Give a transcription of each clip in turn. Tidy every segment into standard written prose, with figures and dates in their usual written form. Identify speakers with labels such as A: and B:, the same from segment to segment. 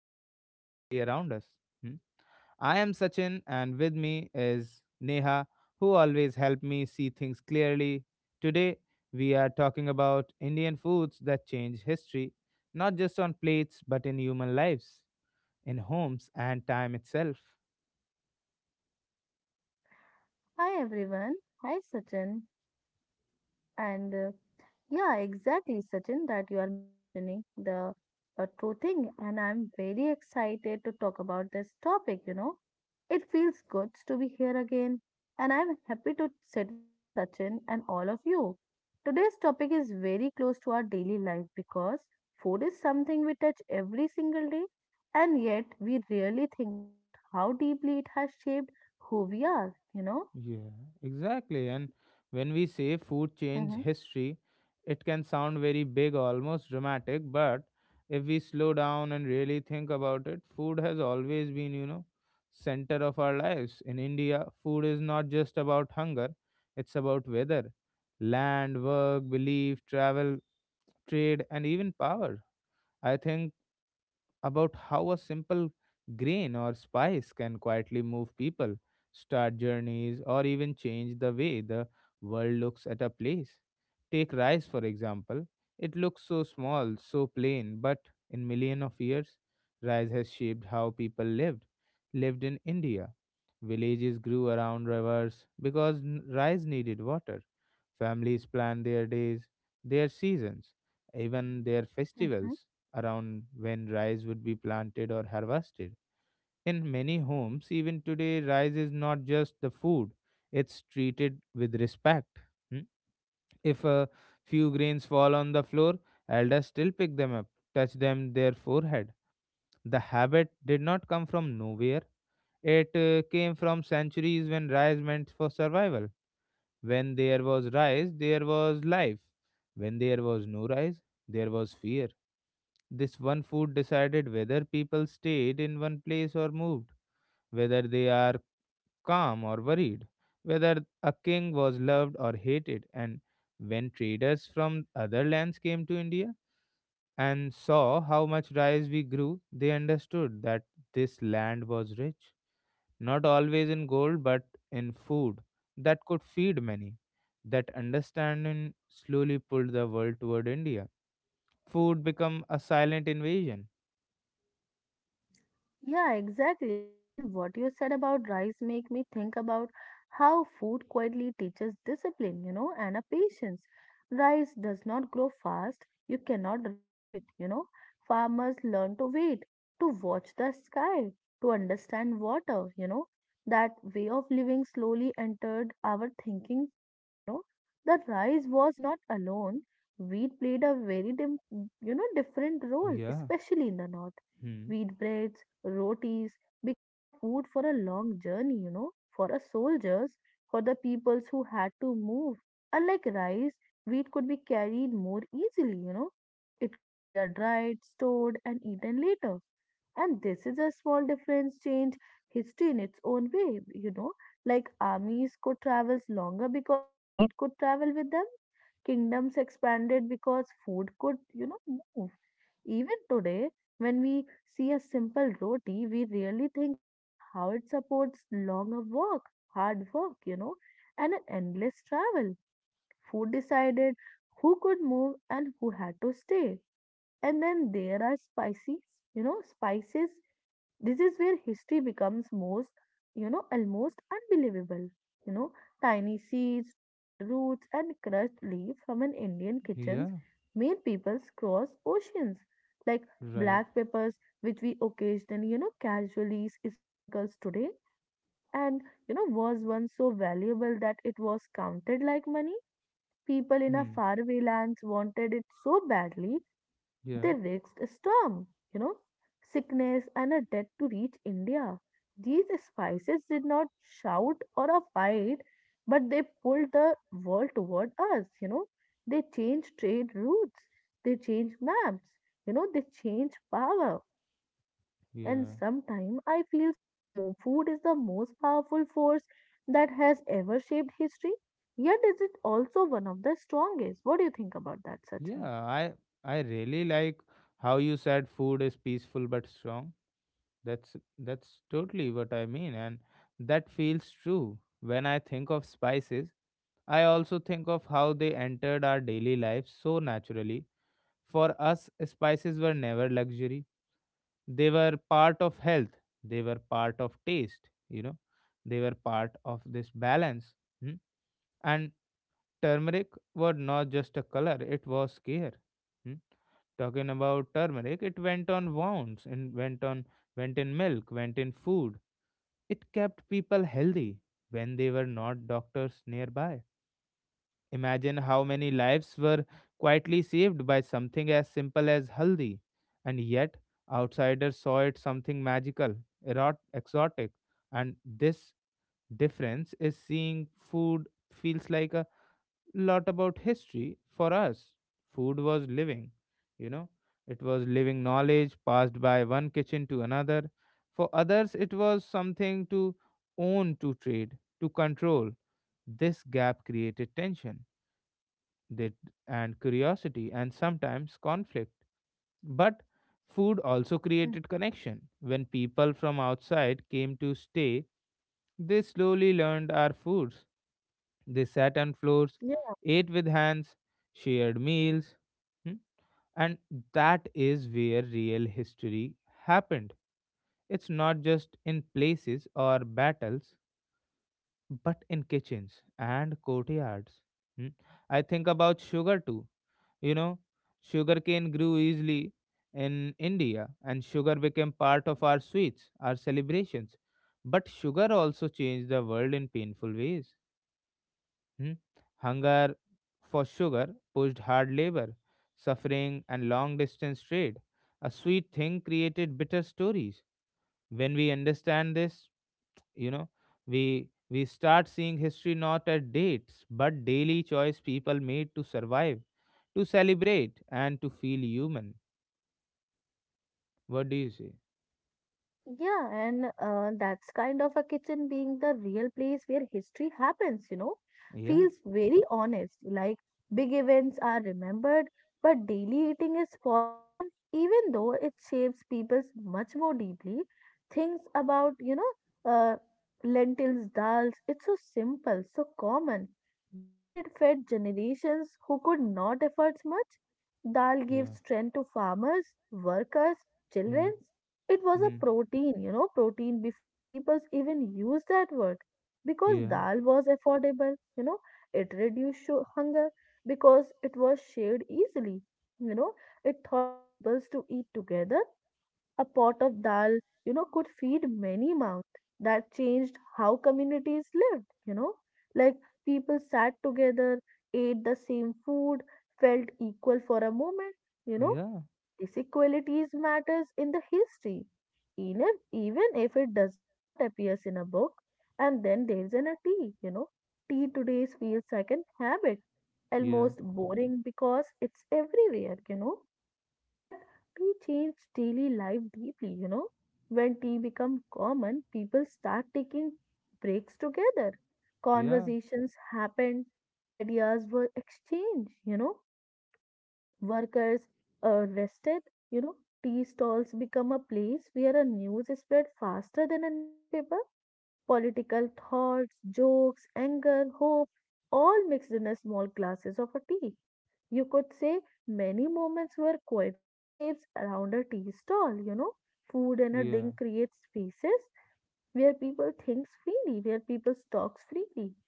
A: that live quietly around us. Hmm. I am Sachin, and with me is Neha, who always help me see things clearly. Today, we are talking about Indian foods that change history, not just on plates, but in human lives, in homes, and time itself.
B: Hi everyone. Hi Sachin. And yeah, exactly Sachin that you are mentioning the true thing and I'm very excited to talk about this topic, you know. It feels good to be here again and I'm happy to sit with us Sachin and all of you. Today's topic is very close to our daily life because food is something we touch every single day and yet we rarely think about how deeply it has shaped who we are, you know.
A: Yeah, exactly. And when we say food change history, it can sound very big, almost dramatic, but if we slow down and really think about it, food has always been, center of our lives. In India, food is not just about hunger, it's about weather, land, work, belief, travel, trade, and even power. I think about how a simple grain or spice can quietly move people, start journeys, or even change the way the world looks at a place. Take rice, for example. It looks so small, so plain, but in millions of years, rice has shaped how people lived. Lived in India, villages grew around rivers because rice needed water. Families planned their days, their seasons, even their
B: Mhm.
A: festivals around when rice would be planted or harvested. In many homes, even today, rice is not just the food, it's treated with respect. Hmm? If a few grains fall on the floor, elders still pick them up, touch them their forehead. The habit did not come from nowhere. It came from centuries when rice meant for survival. When there was rice, there was life. When there was no rice, there was fear. This one food decided whether people stayed in one place or moved, whether they are calm or worried, whether a king was loved or hated. And when traders from other lands came to India and saw how much rice we grew, they understood that this land was rich, not always in gold, but in food that could feed many. That understanding slowly pulled the world toward India. Food became a silent invasion.
B: Yeah, exactly. And what you said about rice make me think about how food quietly teaches discipline, you know, and a patience. Rice does not grow fast. You cannot rush it, you know. Farmers learn to wait, to watch the sky, to understand water, you know. That way of living slowly entered our thinking too, you know. The rice was not alone. Wheat played a very, dim, you know, different role,
A: Yeah.
B: especially in the north.
A: Hmm.
B: Wheat bread rotis become a food for a long journey, you know, for a soldiers, for the peoples who had to move. Unlike rice, wheat could be carried more easily, you know. It could be a dried, stored, and eaten later. And this is a small difference change history in its own way, you know. Like armies could travel longer because wheat could travel with them. Kingdoms expanded because food could, you know, move even today, when we see a simple roti, we really think about how it supports longer work, hard work, you know, and an endless travel. Food decided who could move and who had to stay. And then there are spices, you know, spices this is where history becomes most, you know, almost unbelievable. You know, tiny seeds, dried roots, and crushed leaves from an Indian kitchens
A: Yeah.
B: made people cross oceans, like
A: Right.
B: black peppers, which we occasionally, you know, casually sprinkles today, and you know, was once so valuable that it was counted like money. People in a
A: Hmm.
B: faraway lands wanted it so badly that
A: Yeah.
B: they risked a storm, you know, sickness, and a death to reach India. These spices did not shout or a fight, but they pulled the world toward us, you know. They changed trade routes, they changed maps, you know, they changed power. And
A: Yeah.
B: sometimes I feel food is the most powerful force that has ever shaped history. Yet, is it also one of the strongest? What do you think about that, Sachin?
A: Yeah. I really like how you said food is peaceful but strong. That's totally what I mean, and that feels true. When I think of spices, I also think of how they entered our daily lives so naturally. For us, spices were never luxury. They were part of health. They were part of taste. You know, they were part of this balance. Hmm? And turmeric was not just a color, it was care. Hmm? Talking about turmeric, it went on wounds and went in milk, went in food. It kept people healthy when they were not doctors nearby. Imagine how many lives were quietly saved by something as simple as haldi, and yet outsiders saw it something magical, exotic, and this difference is seeing food feels like a lot about history for us. Food was living, you know, it was living knowledge passed by one kitchen to another. For others, it was something to own, to trade, to control. This gap created tension that- and curiosity and sometimes conflict. But food also
B: Mm.
A: created connection. When people from outside came to stay, they slowly learned our foods they sat on floors, ate with hands, shared meals. Hmm? And that is where real history happened. It's not just in places or battles, but in kitchens and courtyards. Hmm? I think about sugar too. You know, sugarcane grew easily in India, and sugar became part of our sweets, our celebrations. But sugar also changed the world in painful ways. Hmm? Hunger for sugar pushed hard labor, suffering, and long distance trade. A sweet thing created bitter stories. When we understand this, you know, we start seeing history not at dates, but daily choice people made to survive, to celebrate, and to feel human. What do you say?
B: Yeah, and that's kind of a kitchen being the real place where history happens, you know,
A: Yeah,
B: feels very honest. Like big events are remembered, but daily eating is forgotten, even though it shapes people's much more deeply. Things about, you know, lentils, dals, it's so simple, so common, yet it fed generations who could not afford much. Dal
A: yeah,
B: gives strength to farmers, workers,
A: hmm,
B: children it was a
A: hmm,
B: protein, you know, protein before people even used that word. Because
A: yeah,
B: dal was affordable, you know, it reduced hunger because it was shared easily. You know, it taught peoples to eat together. A pot of dal, you know, could feed many mouths. That changed how communities lived, you know, like people sat together, ate the same food, felt equal for a moment, you know.
A: yeah,
B: Disequalities matters in the history, even if it does not appears in a book. And then there is an a tea, you know. Tea today feels like an habit,
A: yeah,
B: almost boring because it's everywhere, you know. But tea changed daily life deeply, you know. When tea become common, people start taking breaks together.
A: yeah,
B: Conversations happened, ideas were exchanged, you know workers rested, you know, tea stalls become a place where a news is spread faster than a newspaper. Political thoughts, jokes, anger, hope, all mixed in a small glasses of a tea. You could say many moments were quietly shapes around a tea stall, you know. Food and a
A: yeah,
B: drink creates spaces where people thinks freely, where people talks freely,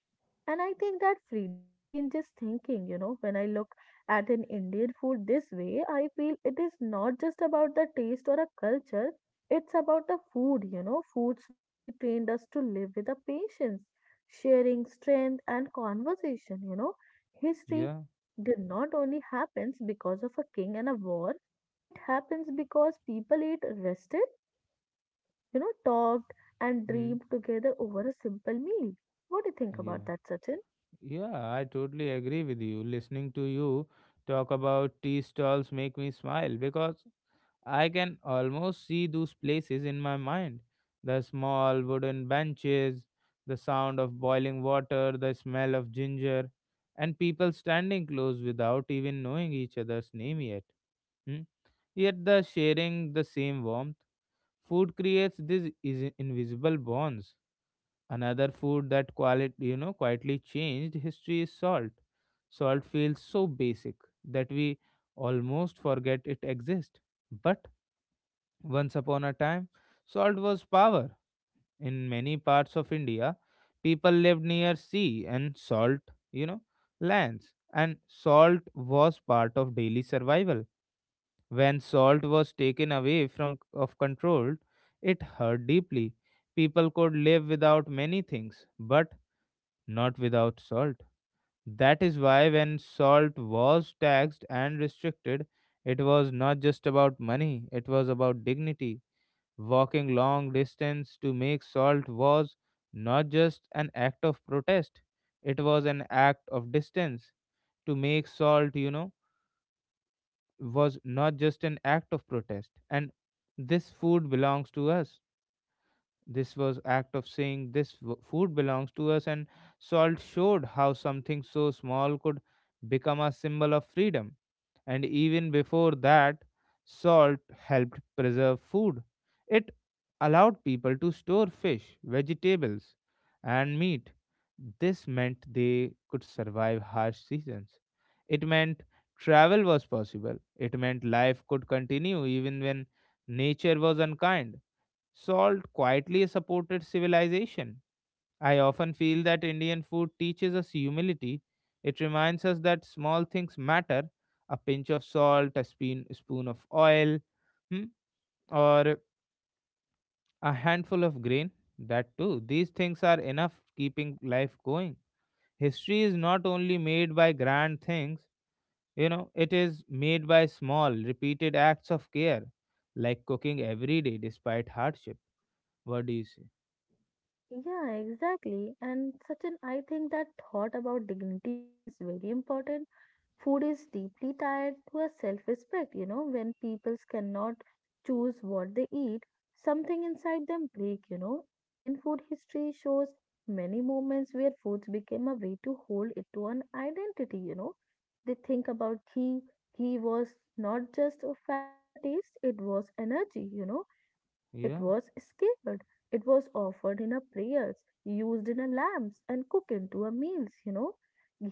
B: and I think that freedom changes thinking. You know, when I look at an Indian food this way, I feel it is not just about the taste or a culture, it's about the food. You know, food slowly trained us to live with a patience, sharing, strength, and conversation. You know, history
A: yeah,
B: did not only happens because of a king and a war, it happens because people ate rested, you know, talked and
A: hmm,
B: dreamed together over a simple meal. What do you think
A: yeah.
B: about that, Sachin?
A: Yeah, I totally agree with you. Listening to you talk about tea stalls make me smile because I can almost see those places in my mind. The small wooden benches, the sound of boiling water, the smell of ginger, and people standing close without even knowing each other's name yet. Hmm? Yet the sharing the same warmth, food creates these invisible bonds. Another food that you know quietly changed history is salt. Salt feels so basic that we almost forget it exists. But once upon a time, salt was power. In many parts of India, people lived near sea and salt, you know, lands. And salt was part of daily survival. When salt was taken away from of control, it hurt deeply. People could live without many things, but not without salt. That is why, when salt was taxed and restricted, it was not just about money, it was about dignity. Walking long distance to make salt was not just an act of protest, it was an act of distance. To make salt, you know, was not just an act of protest. And this food belongs to us this was act of saying this food belongs to us and salt showed how something so small could become a symbol of freedom. And even before that, salt helped preserve food. It allowed people to store fish, vegetables, and meat. This meant they could survive harsh seasons. It meant travel was possible. It meant life could continue even when nature was unkind. Salt quietly supported civilization. I often feel that Indian food teaches us humility. It reminds us that small things matter a pinch of salt, a spoon, spoon of oil, hmm, or a handful of grain. That too, these things are enough keeping life going. History is not only made by grand things, you know, it is made by small, repeated acts of care, like cooking every day despite hardship. What do you say?
B: Yeah, exactly. And Sachin, I think that thought about dignity feels very important. Food is deeply tied to a self-respect, you know, when peoples cannot choose what they eat, something inside them break, you know. Indian food history shows many moments where foods became a way to hold it to an identity, you know. They think about ghee. Ghee was not just a fat or a taste, it was energy, you know it
A: Yeah.
B: was scaled. It was offered in a prayers, used in a lamps, and cooked into a meals, you know.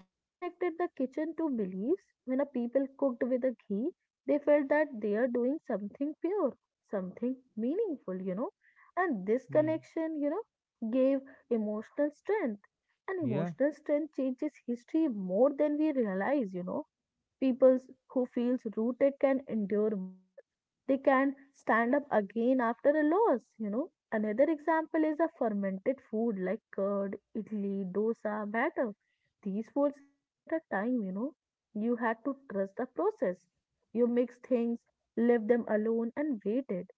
B: Ghee connected the kitchen to beliefs. When a people cooked with a ghee, they felt that they are doing something pure, something meaningful, you know. And this
A: Hmm.
B: connection, you know, gave emotional strength. And
A: Yeah.
B: emotional strength changes history more than we realize, you know. People who feels rooted can endure more. They can stand up again after a loss, you know. Another example is a fermented food like curd, idli, dosa, batter. These foods needed a time, you know. You had to trust the process. You mix things, leave them alone and waited.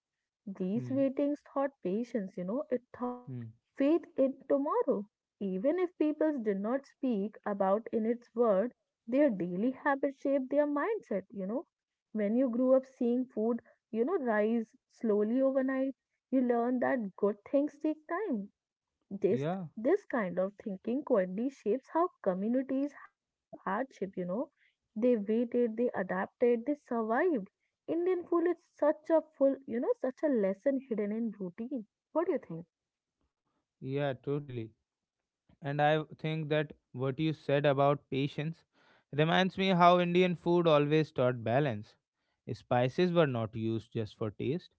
B: These
A: Hmm.
B: waitings taught patience, you know, it taught
A: Hmm.
B: faith in tomorrow. Even if people did not speak about in its word, their daily habits shaped their mindset, you know. When you grew up seeing food, you know, rise slowly overnight, you learn that good things take time this
A: Yeah.
B: this kind of thinking quietly shapes how communities handle hardship, you know. They waited, they adapted, they survived. Indian food is such a full, you know, such a lesson hidden in routine. What do you think?
A: Yeah. Totally. And I think that what you said about patience reminds me how Indian food always taught balance. Spices were not used just for taste.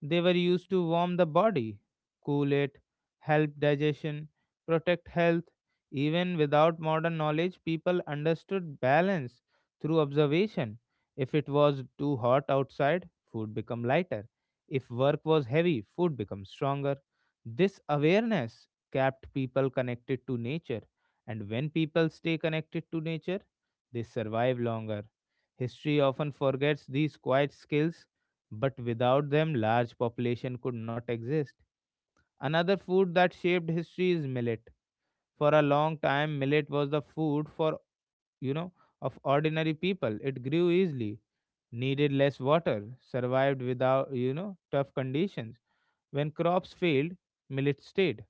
A: They were used to warm the body, cool it, help digestion, protect health. Even without modern knowledge, people understood balance through observation. If it was too hot outside, food became lighter. If work was heavy, food became stronger. This awareness kept people connected to nature. And when people stay connected to nature, they survive longer. History often forgets these quiet skills but without them large population could not exist. Another food that shaped history is millet. For a long time millet was the food for, you know, of ordinary people. It grew easily, needed less water, survived without, you know, tough conditions. When crops failed, millet stayed.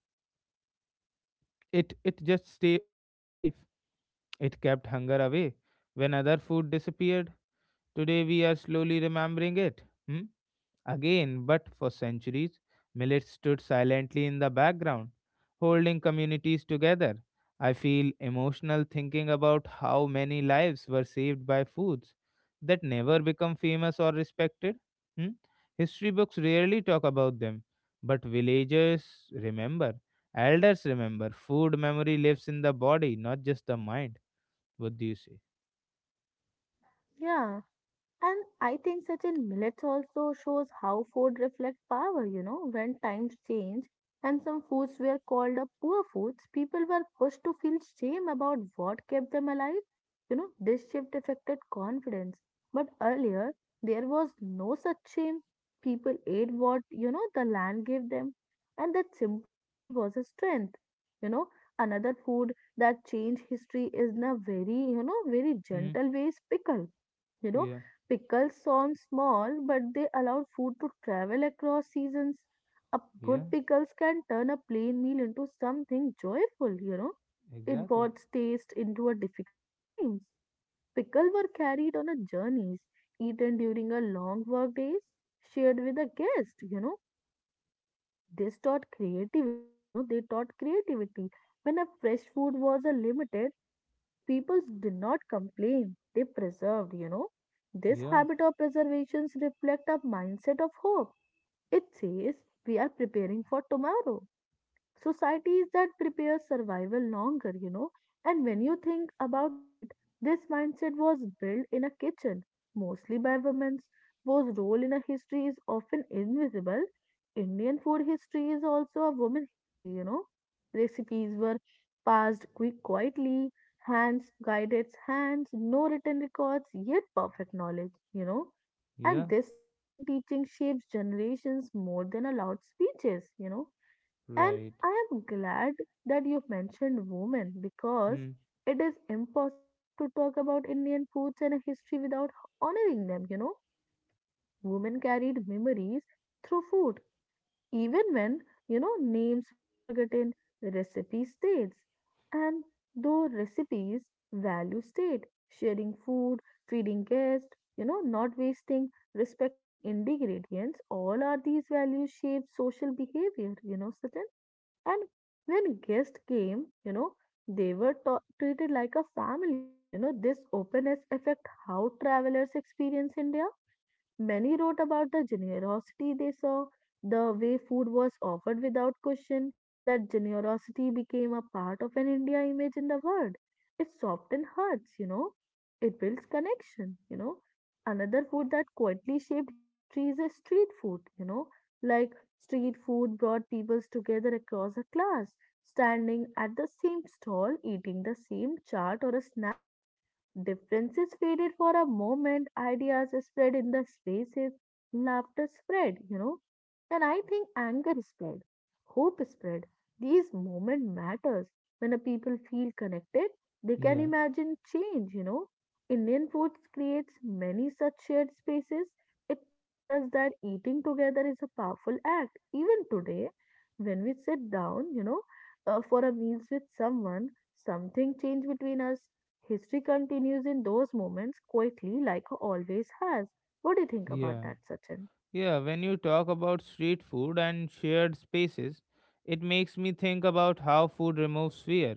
A: It just stay, saved life. It kept hunger away when other food disappeared. Today we are slowly remembering it. Hmm? Again, but for centuries, millet stood silently in the background, holding communities together. I feel emotional thinking about how many lives were saved by foods that never become famous or respected. Hmm? History books rarely talk about them, but villagers remember, elders remember. Food memory lives in the body, not just the mind. What do you say?
B: Yeah. And I think such a millets also shows how food reflects power, you know, when times change and some foods were called up poor foods, people were pushed to feel shame about what kept them alive. You know, this shift affected confidence. But earlier, there was no such shame. People ate what, you know, the land gave them. And that simplicity was a strength. You know, another food that changed history is in a very, you know, very
A: Hmm.
B: gentle ways pickle you know.
A: Yeah,
B: Pickles sound small, but they allow food to travel across seasons. A
A: yeah,
B: good pickles can turn a plain meal into something joyful, you know. It
A: exactly.
B: brought taste into a difficult times. Pickles were carried on a journeys, eaten during a long work days, shared with a guest, you know. This taught creativity, you know, they taught creativity. When a fresh food was a limited, people did not complain, they preserved. You know. This
A: Yeah,
B: habit of preservations reflect a mindset of hope. It says we are preparing for tomorrow societies that prepare survival longer, you know. And when you think about it, this mindset was built in a kitchen, mostly by women, whose role in a history is often invisible. Indian food history is also a woman history, you know. Recipes were passed quick quietly, hands guided hands, no written records, yet perfect knowledge, you know. And
A: yeah,
B: this silent teaching shapes generations more than a loud speeches, you know and
A: right.
B: I am glad that you've mentioned women because
A: Hmm.
B: it is impossible to talk about Indian foods and history without honoring them, you know. Women carried memories through food, even when, you know, names were forgotten, recipe states. And though recipes value state, sharing food, feeding guests, you know, not wasting, respecting ingredients, all are these values shape social behavior, you know, Sachin? And when guests came, you know, they were treated like a family. You know, this openness affect how travelers experience India. Many wrote about the generosity they saw, the way food was offered without question. That generosity became a part of an India image in the world. It softens hearts, you know. It builds connection, you know. Another food that quietly shaped history is a street food, you know. Like street food brought peoples together across a class, standing at the same stall, eating the same chaat or a snack. Differences faded for a moment, ideas spread in the spaces, laughter spread, you know, and I think anger spread, hope spread. These moment matters. When a people feel connected, they can
A: Yeah,
B: imagine change, you know. Indian food creates many such shared spaces. It taught us that eating together is a powerful act. Even today, when we sit down, you know, for a meals with someone, something changed between us. History continues in those moments quietly, like it always has. What do you think about
A: yeah,
B: that, Sachin?
A: yeah. When you talk about street food and shared spaces, it makes me think about how food removes fear.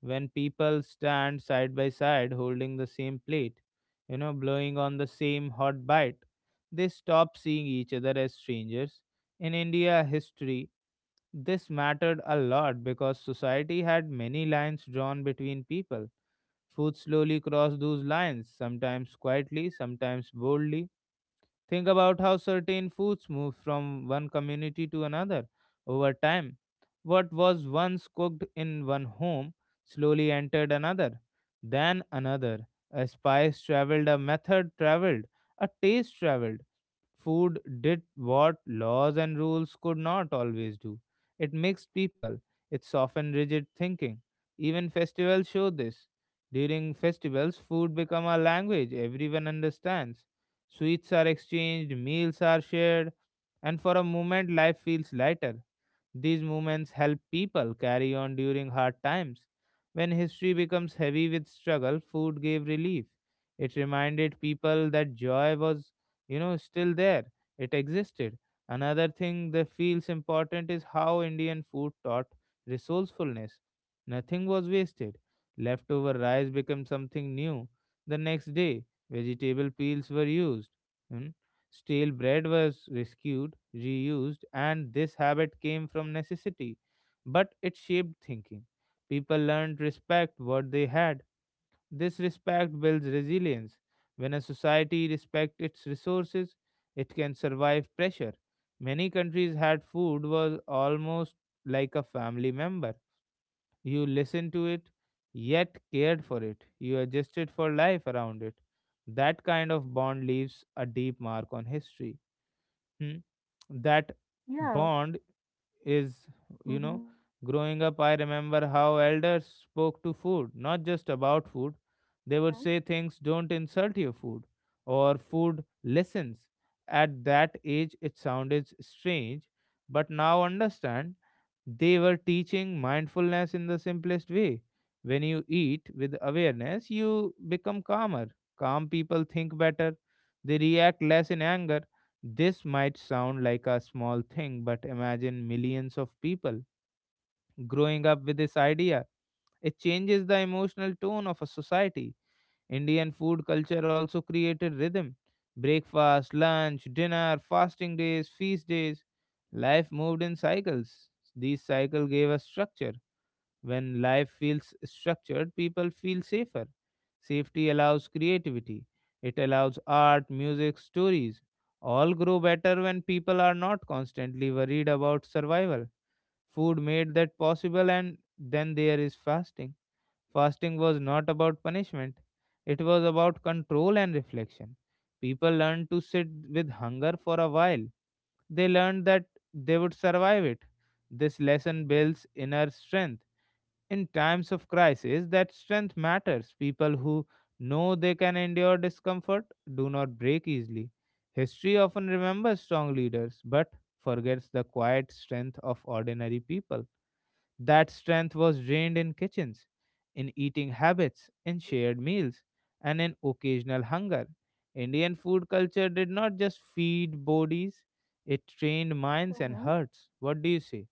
A: When people stand side by side holding the same plate, you know, blowing on the same hot bite, they stop seeing each other as strangers. In India history, this mattered a lot because society had many lines drawn between people. Food slowly crossed those lines, sometimes quietly, sometimes boldly. Think about how certain foods move from one community to another over time. What was once cooked in one home slowly entered another, then another. A spice traveled, a method traveled, a taste traveled. Food did what laws and rules could not always do. It mixed people, it softened rigid thinking. Even festivals show this. During festivals, food become a language everyone understands. Sweets are exchanged, meals are shared, and for a moment life feels lighter. These movements help people carry on during hard times. When history becomes heavy with struggle, food gave relief. It reminded people that joy was, you know, still there. It existed. Another thing that feels important is how Indian food taught resourcefulness. Nothing was wasted. Leftover rice became something new. The next day, vegetable peels were used. Hmm? Stale bread was rescued, reused, and this habit came from necessity, but it shaped thinking. People learned respect what they had. This respect builds resilience. When a society respects its resources, it can survive pressure. Many countries had food was almost like a family member. You listened to it, yet cared for it. You adjusted for life around it. That kind of bond leaves a deep mark on history. Hmm. That
B: Yeah.
A: bond is, you
B: Mm-hmm.
A: know, growing up, I remember how elders spoke to food, not just about food. They would
B: Mhm,
A: say things, don't insult your food, or food listens. At that age, it sounded strange, but now understand they were teaching mindfulness in the simplest way. When you eat with awareness, you become calmer. Calm people think better, they react less in anger. This might sound like a small thing, but imagine millions of people growing up with this idea. It changes the emotional tone of a society. Indian food culture also created rhythm. Breakfast, lunch, dinner, fasting days, feast days. Life moved in cycles. These cycles gave us structure. When life feels structured, people feel safer. Safety allows creativity. It allows art, music, stories. All grow better when people are not constantly worried about survival. Food made that possible, and then there is fasting. Fasting was not about punishment, it was about control and reflection. People learned to sit with hunger for a while. They learned that they would survive it. This lesson builds inner strength. In times of crisis, that strength matters. People who know they can endure discomfort do not break easily. History often remembers strong leaders but forgets the quiet strength of ordinary people. That strength was drained in kitchens, in eating habits, in shared meals, and in occasional hunger. Indian food culture did not just feed bodies, it trained minds and
B: mhm.
A: hearts. What do you say?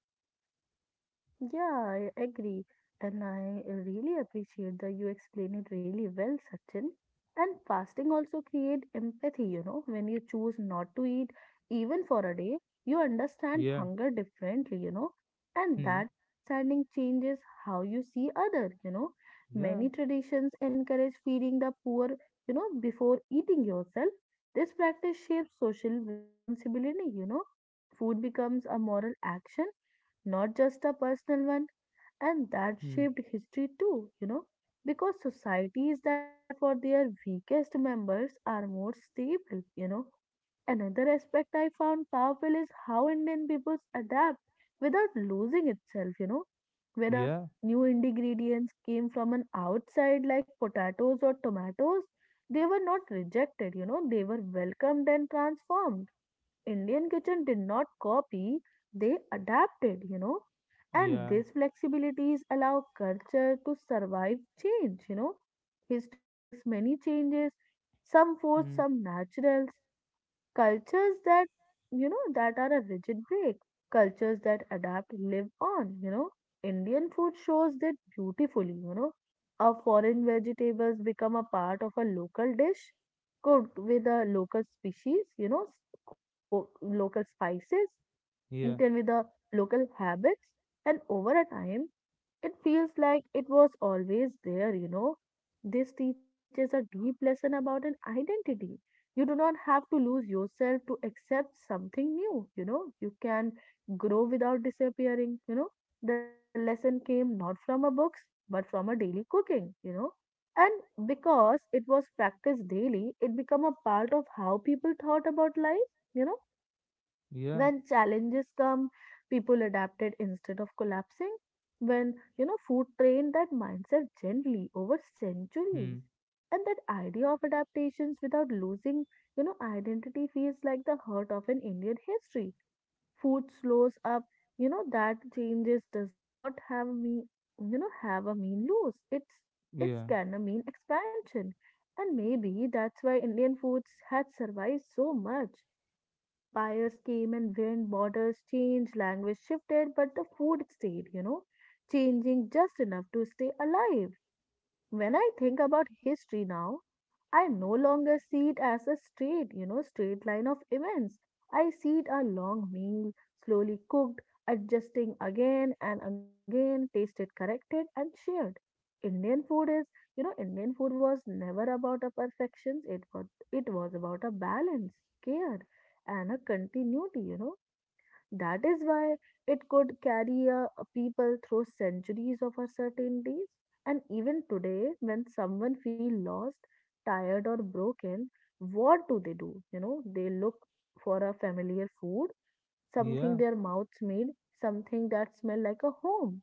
B: Yeah, I agree. And I really appreciate that you explain it really well, Sachin. And fasting also create empathy, when you choose not to eat even for a day, you understand
A: Yeah.
B: hunger differently, and
A: Hmm.
B: that understanding changes how you see other, you know.
A: Yeah.
B: Many traditions encourage feeding the poor, before eating yourself. This practice shapes social responsibility, you know. Food becomes a moral action not just a personal one. And that
A: Hmm.
B: shaped history too, because societies that care for their weakest members are more stable, you know. Another aspect I found powerful is how Indian peoples adapt without losing itself, you know. When a
A: Yeah.
B: new ingredients came from an outside like potatoes or tomatoes, they were not rejected, they were welcomed and transformed. Indian kitchen did not copy, they adapted, you know. And
A: Yeah.
B: these flexibilities allow culture to survive change, you know. History brings many changes, some forced,
A: Hmm.
B: some natural. Cultures that, that are a rigid break. Cultures that adapt live on, you know. Indian food shows that beautifully, you know. A foreign vegetables become a part of a local dish, cooked with a local species, local spices, eaten
A: Yeah.
B: with the local habits, and over a time it feels like it was always there, you know. This teaches a deep lesson about an identity. You do not have to lose yourself to accept something new, you know. You can grow without disappearing, you know. The lesson came not from a books, but from a daily cooking, you know. And because it was practiced daily, it became a part of how people thought about life, you know.
A: Yeah.
B: When challenges come, people adapted instead of collapsing. When, food trained that mindset gently over
A: Hmm.
B: centuries. And that idea of adaptations without losing, identity feels like the heart of an Indian history. Food slows up, that changes does not have me, have a mean lose. It's
A: Yeah.
B: gonna mean expansion. And maybe that's why Indian foods had survived so much. Empires came and went, borders changed, language shifted, but the food stayed, changing just enough to stay alive. When I think about history now, I no longer see it as a straight line of events. I see it a long meal, slowly cooked, adjusting again and again, tasted, corrected, and shared. Indian food is, you know, Indian food was never about a perfection. It was about a balance, care, and a continuity, you know. That is why it could carry a people through centuries of uncertainties. And even today, when someone feels lost, tired, or broken, what do they do? You know, they look for a familiar food, something
A: Yeah.
B: their mouths made, something that smells like a home.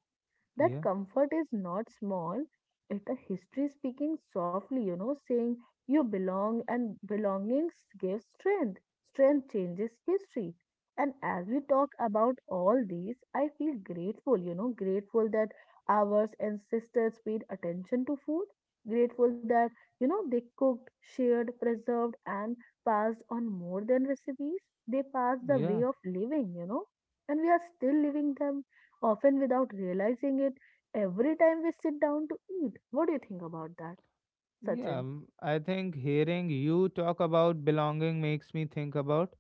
B: That
A: Yeah.
B: comfort is not small. It a history speaking softly, saying you belong, and belongings give strength. Strength changes history. And as we talk about all these, I feel grateful, grateful that our ancestors paid attention to food, grateful that they cooked, shared, preserved, and passed on more than recipes. They passed the
A: Yeah.
B: way of living, and we are still living them often without realizing it, every time we sit down to eat. What do you think about that, Sachin?
A: Yeah. I think hearing you talk about belonging makes me think about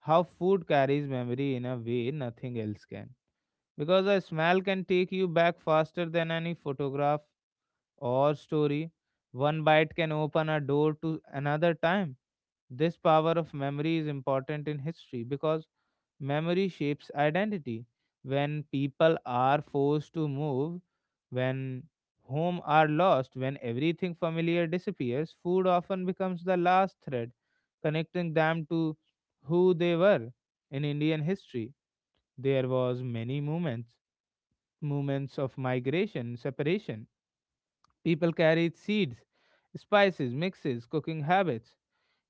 A: how food carries memory in a way nothing else can. Because a smell can take you back faster than any photograph or story. One bite can open a door to another time. This power of memory is important in history because memory shapes identity. When people are forced to move, when home are lost, when everything familiar disappears, food often becomes the last thread connecting them to who they were. In Indian history, there was many movements, movements of migration, separation. People carried seeds, spices, mixes, cooking habits.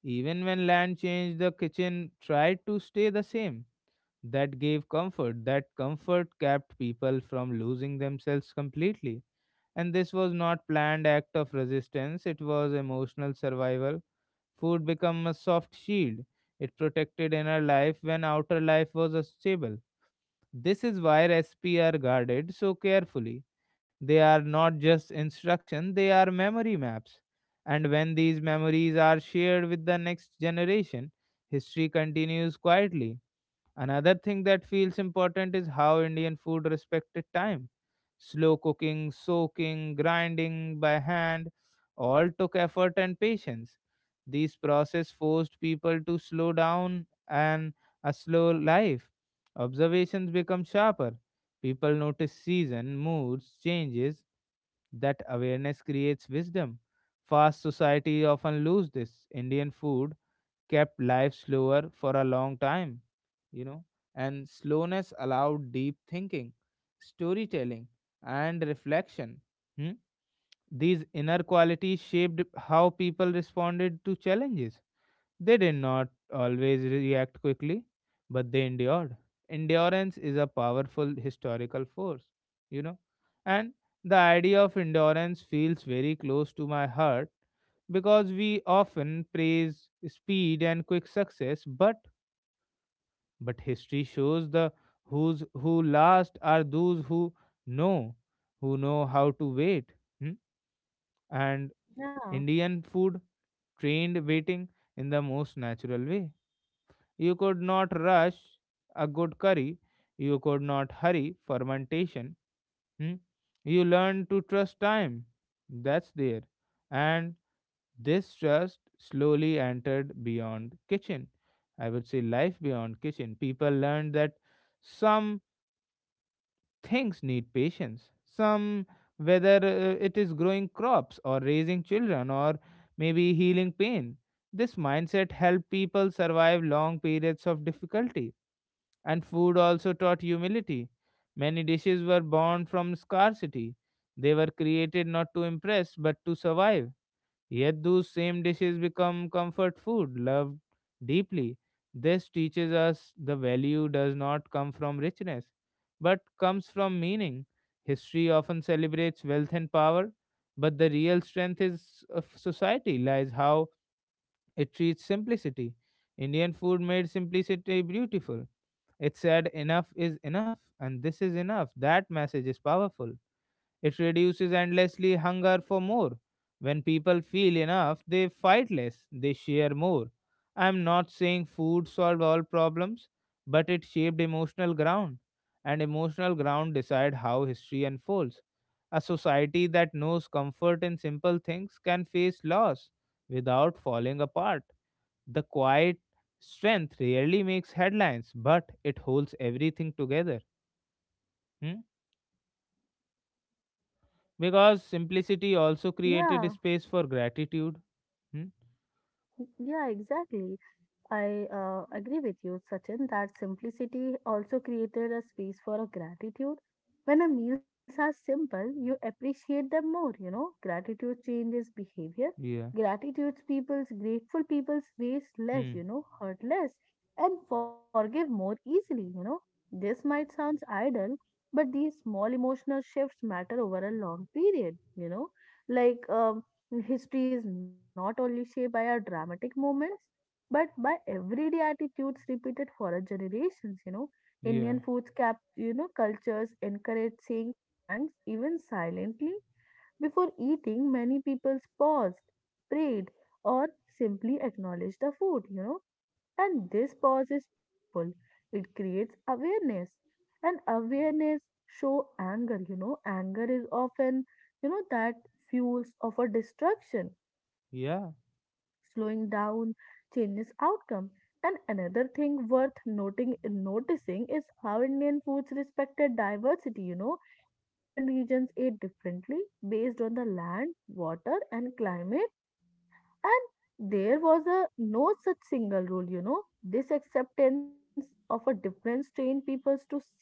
A: Even when land changed, the kitchen tried to stay the same that gave comfort. That comfort kept people from losing themselves completely. And this was not planned act of resistance, it was emotional survival. Food became a soft shield. It protected inner life when outer life was unstable. This is why recipes are guarded so carefully. They are not just instruction, they are memory maps. And when these memories are shared with the next generation, history continues quietly. Another thing that feels important is how Indian food respected time. Slow cooking, soaking, grinding by hand all took effort and patience. These process forced people to slow down and a slow life. Observations become sharper. People notice season, moods, changes. That awareness creates wisdom. Fast society often lose this. Indian food kept life slower for a long time, you know, and slowness allowed deep thinking, storytelling, and reflection. Hmm? These inner qualities shaped how people responded to challenges. They did not always react quickly, but they endured. Endurance is a powerful historical force, you know, and the idea of endurance feels very close to my heart because we often praise speed and quick success, but history shows the who's who last are those know, who know how to wait. Hmm? And
B: Yeah,
A: Indian food trained waiting in the most natural way. You could not rush a good curry. You could not hurry fermentation. Hmm? You learn to trust time. That's there. And this trust slowly entered beyond kitchen. I would say life beyond kitchen. People learned that some things need patience. Some, whether it is growing crops or raising children or maybe healing pain. This mindset helped people survive long periods of difficulty, and food also taught humility. Many dishes were born from scarcity. They were created not to impress but to survive. Yet those same dishes become comfort food, loved deeply. This teaches us the value does not come from richness, but comes from meaning. History often celebrates wealth and power, but the real strength is of society lies how it treats simplicity. Indian food made simplicity beautiful. It said enough is enough, and this is enough. That message is powerful, it reduces endlessly hunger for more. When people feel enough, they fight less, they share more. I'm not saying food solved all problems, but it shaped emotional ground, and emotional ground decide how history unfolds. A society that knows comfort in simple things can face loss without falling apart. The quiet strength rarely makes headlines, but it holds everything together. Hmm? Because simplicity also created
B: yeah,
A: space for gratitude. Hmm?
B: yeah, exactly. I agree with you, Sachin, that simplicity also created a space for a gratitude. When our meals are simple, you appreciate them more, you know. Gratitude changes behavior.
A: Yeah.
B: Gratitude people's grateful people's waste less,
A: Hmm.
B: hurt less, and forgive more easily, you know. This might sound idle, but these small emotional shifts matter over a long period, you know. Like history is not only shaped by our dramatic moments but by everyday attitudes repeated for a generations, you know.
A: Yeah.
B: Indian foods cultures encourage saying thanks even silently. Before eating, many people paused, prayed, or simply acknowledged the food, you know. And this pause is powerful. It creates awareness. And awareness show anger, you know. Anger is often that fuels of a destruction, you know.
A: Yeah.
B: Slowing down changes outcome. And another thing worth noting noticing is how Indian foods respected diversity, you know. Different regions ate differently based on the land, water, and climate, and there was a no such single rule, you know. This acceptance of a difference trained peoples to see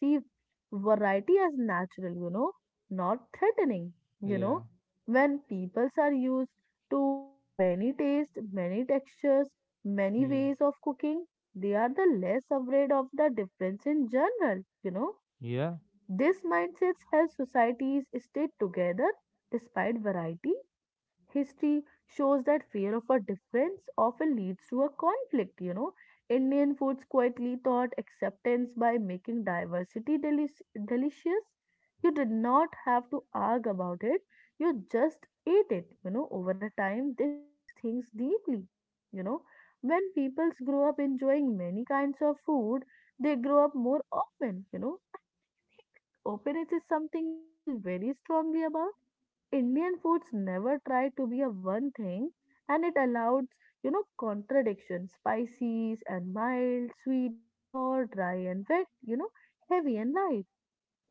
B: variety as natural, not threatening, you
A: Yeah.
B: know. When peoples are used to many tastes, many textures, many
A: Hmm.
B: ways of cooking, they are the less afraid of the difference in general, you know.
A: Yeah.
B: This mindset helps societies stay together despite variety. History shows that fear of a difference often leads to a conflict, you know. Indian foods quietly taught acceptance by making delicious. You did not have to argue about it, you just ate it, you know. Over a time, this shapes things deeply, you know. When peoples grow up enjoying many kinds of food, they grow up more open, you know. Openness is something I feel very strongly about. Indian foods never tried to be a one thing, and it allowed, contradiction, spices and mild, sweet and sour, dry and wet, heavy and light,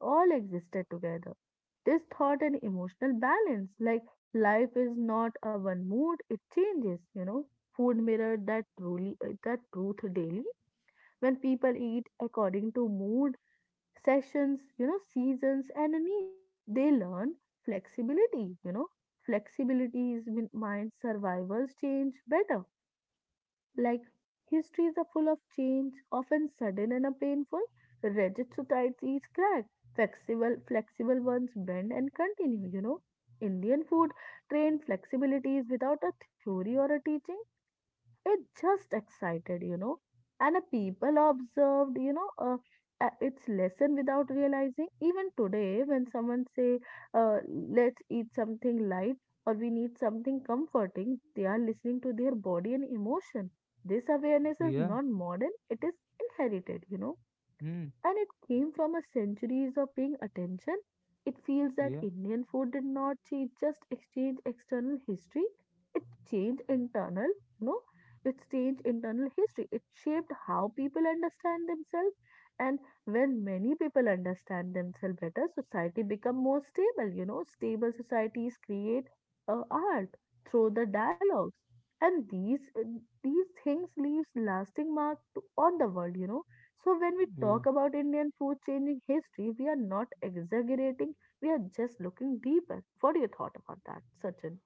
B: all existed together. This thought an emotional balance, like life is not a one mood, it changes, you know. Food mirrored that truly that truth daily. When people eat according to mood sessions, seasons, and a need. They learn flexibility, you know. Flexibility is with mind survivors change better. Like histories are full of change, often sudden and a painful. Rigid societies crack. Flexible ones bend and continue, you know. Indian food trained flexibilities without a theory or a teaching. It just excited, and a people observed, its lesson without realizing. Even today, when someone say, uh, "Let's eat something light" or "We need something comforting," they are listening to their body and emotion. This awareness is
A: Yeah.
B: not modern; it is inherited, you know,
A: Hmm.
B: and it came from a centuries of paying attention. It feels that
A: Yeah.
B: Indian food did not change, just exchange external history. It changed internal, you know, it changed internal history. It shaped how people understand themselves. And when many people understand themselves better, society become more stable. You know, stable societies create art through the dialogues, and these things leaves lasting mark on the world. You know, so when we
A: Yeah.
B: talk about Indian food changing history, we are not exaggerating, we are just looking deeper. What do you thought about that, Sachin?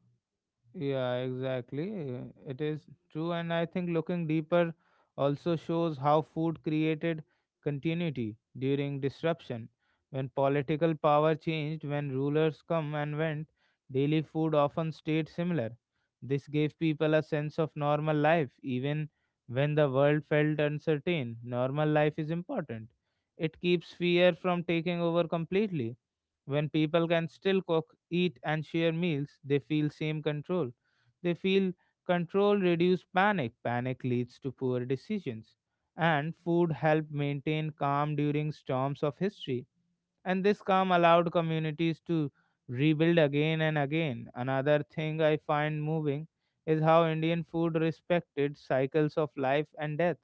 A: Yeah, exactly. It is true. And I think looking deeper also shows how food created continuity during disruption. When political power changed, when rulers come and went, daily food often stayed similar. This gave people a sense of normal life, even when the world felt uncertain. Normal life is important. It keeps fear from taking over completely. When people can still cook, eat, and share meals, they feel same control. They feel control reduce panic. Panic leads to poor decisions. And food helped maintain calm during storms of history. And this calm allowed communities to rebuild again and again. Another thing I find moving is how Indian food respected cycles of life and death.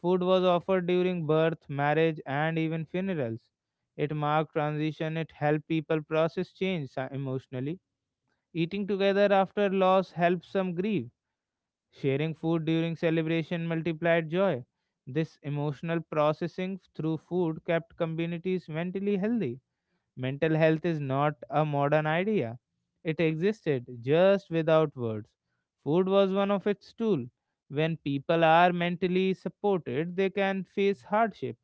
A: Food was offered during birth, marriage, and even funerals. It marked transition, it helped people process change emotionally. Eating together after loss helped some grieve. Sharing food during celebration multiplied joy. This emotional processing through food kept communities mentally healthy. Mental health is not a modern idea. It existed just without words. Food was one of its tools. When people are mentally supported, they can face hardship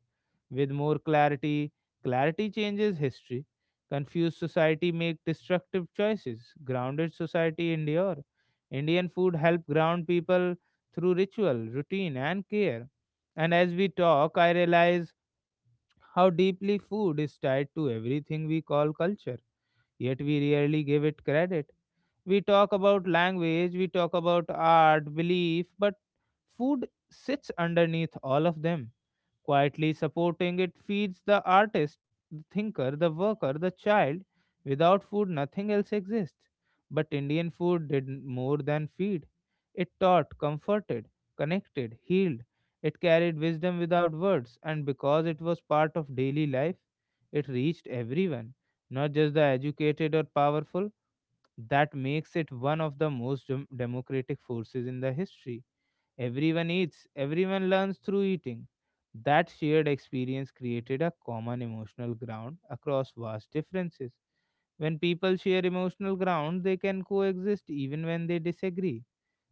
A: with more clarity. Clarity changes history. Confused society make destructive choices. Grounded society endure. Indian food help ground people through ritual, routine, and care. And as we talk, I realize how deeply food is tied to everything we call culture, yet we rarely give it credit. We talk about language, we talk about art, belief, but food sits underneath all of them. Quietly supporting it feeds the artist, the thinker, the worker, the child. Without food, nothing else exists. But Indian food did more than feed. It taught, comforted, connected, healed. It carried wisdom without words, and because it was part of daily life, it reached everyone, not just the educated or powerful. That makes it one of the most democratic forces in the history. Everyone eats, everyone learns through eating. That shared experience created a common emotional ground across vast differences. When people share emotional ground, they can coexist even when they disagree.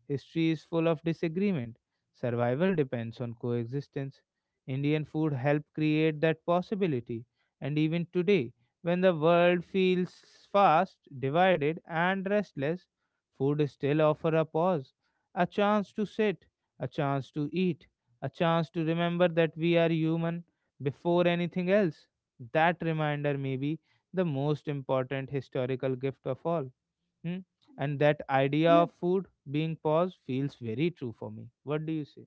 A: History is full of disagreement. Survival depends on coexistence. Indian food helped create that possibility. And even today, when the world feels fast, divided, and restless, food still offers a pause, a chance to sit, a chance to eat, a chance to remember that we are human before anything else. That reminder may be the most important historical gift of all. Hmm? And that idea of food being paused feels very true for me. What do you say?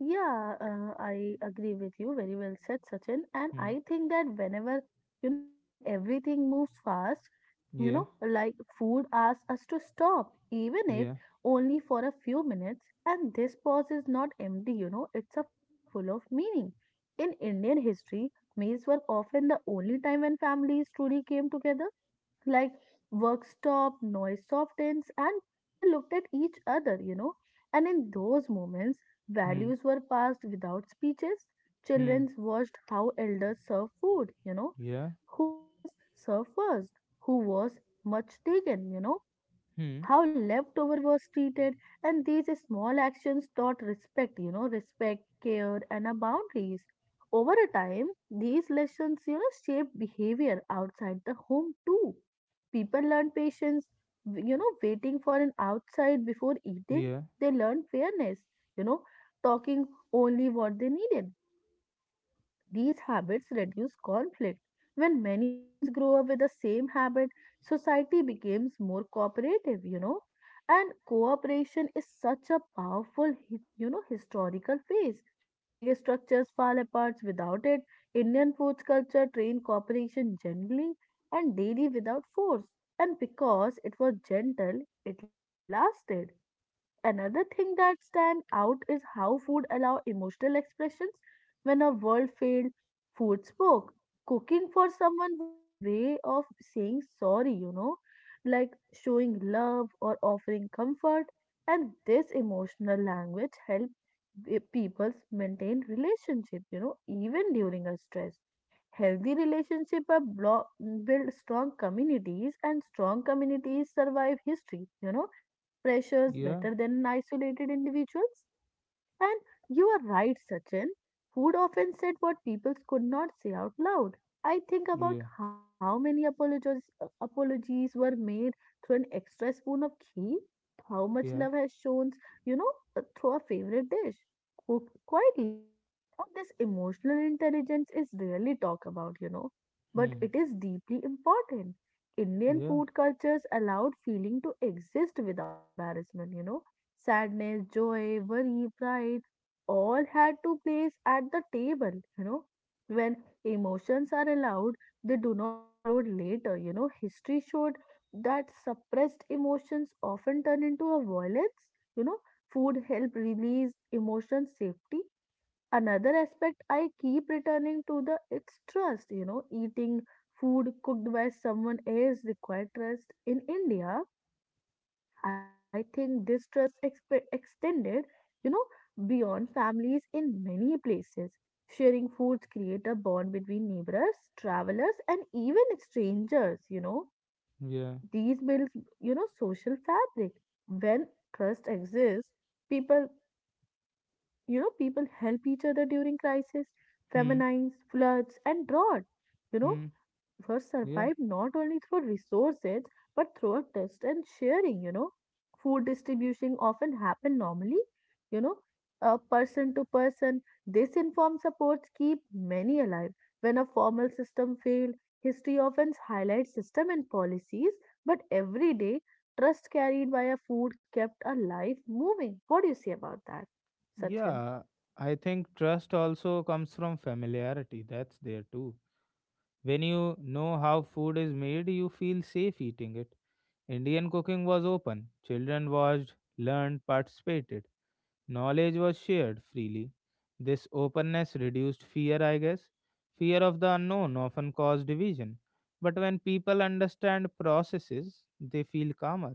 B: Yeah, I agree with you. Very well said, Sachin. And
A: Hmm.
B: I think that whenever, when everything moves fast,
A: Yeah,
B: like food asks us to stop, even if
A: yeah.
B: only for a few minutes. And this pause is not empty, it's a full of meaning. In Indian history, meals were often the only time when families truly came together, like work stopped, noise softens, and people looked at each other, you know. And in those moments,
A: Hmm.
B: values were passed without speeches.
A: Hmm.
B: Children watched how elders served food, you know.
A: Yeah.
B: Who was served first? Who was much taken, you know?
A: Hmm.
B: How leftover was treated, and these small actions taught respect, you know, respect, care, and our boundaries. Over a time, these lessons, shape behavior outside the home too. People learn patience, waiting for an outside before eating.
A: Yeah.
B: They learn fairness, you know, talking only what they needed. These habits reduce conflict. When many peoples grow up with the same habit, society becomes more cooperative, you know. And cooperation is such a powerful, historical phase. Big structures fall apart without it. Indian foods culture trained cooperation gently and daily without force. And because it was gentle, it lasted. Another thing that stands out is how food allows emotional expressions. When a world failed, food spoke. Cooking for someone was a way of saying sorry, like showing love or offering comfort. And this emotional language helped people maintain relationship, even during a stress. Healthy relationship are blo- build strong communities, and strong communities survive history. You know, pressures
A: Yeah.
B: better than isolated individuals. And you are right, Sachin. Food often said what people could not say out loud. I think about
A: Yeah.
B: how many apologies were made through an extra spoon of ghee, how much love
A: Yeah.
B: has shown, you know, through a favorite dish, cooked quietly. Now, this emotional intelligence is rarely talked about, but
A: Hmm.
B: it is deeply important. Indian
A: Yeah.
B: food cultures allowed feeling to exist without embarrassment, you know. Sadness, joy, worry, pride, all had to place at the table, you know. When emotions are allowed, they do not explode later, you know. History showed that suppressed emotions often turn into a violence, you know. Food help release emotion safety. Another aspect I keep returning to the it's trust, eating food cooked by someone else require trust. In India, I think this trust extended, you know, beyond families in many places. Sharing foods create a bond between neighbors, travelers, and even strangers. You know,
A: Yeah.
B: these builds, social fabric. When trust exists, people, people help each other during crisis,
A: Hmm.
B: famines, floods, and drought. You know,
A: Hmm.
B: were
A: Yeah.
B: survived not only through resources but through a trust and sharing. Food distribution often happen normally you know person to person. This informed supports keep many alive when a formal system failed. History often highlights system and policies, but every day trust carried by a food kept a life moving. What do you say about that, sachin?
A: Yeah. I think trust also comes from familiarity. That's there too. When you know how food is made, you feel safe eating it. Indian cooking was open. Children watched, learned, participated. Knowledge was shared freely. This openness reduced fear, I guess. Fear of the unknown often caused division. But when people understand processes, they feel calmer.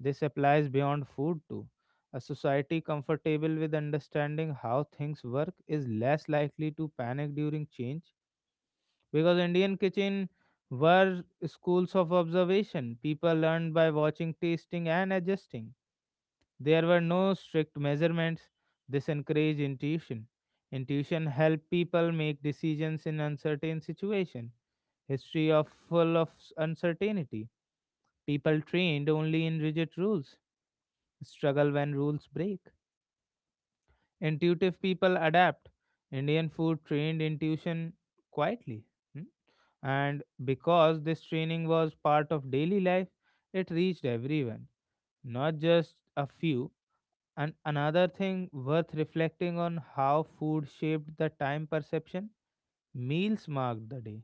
A: This applies beyond food too. A society comfortable with understanding how things work is less likely to panic during change because Indian kitchen were schools of observation. People learned by watching, tasting, and adjusting. There were no strict measurements. This encouraged intuition. Intuition helped people make decisions in uncertain situations. History of full of uncertainty. People trained only in rigid rules. Struggle when rules break. Intuitive people adapt. Indian food trained intuition quietly. Hmm? And because this training was part of daily life, it reached everyone, not just a few. And another thing worth reflecting on how food shaped the time perception, meals marked the day.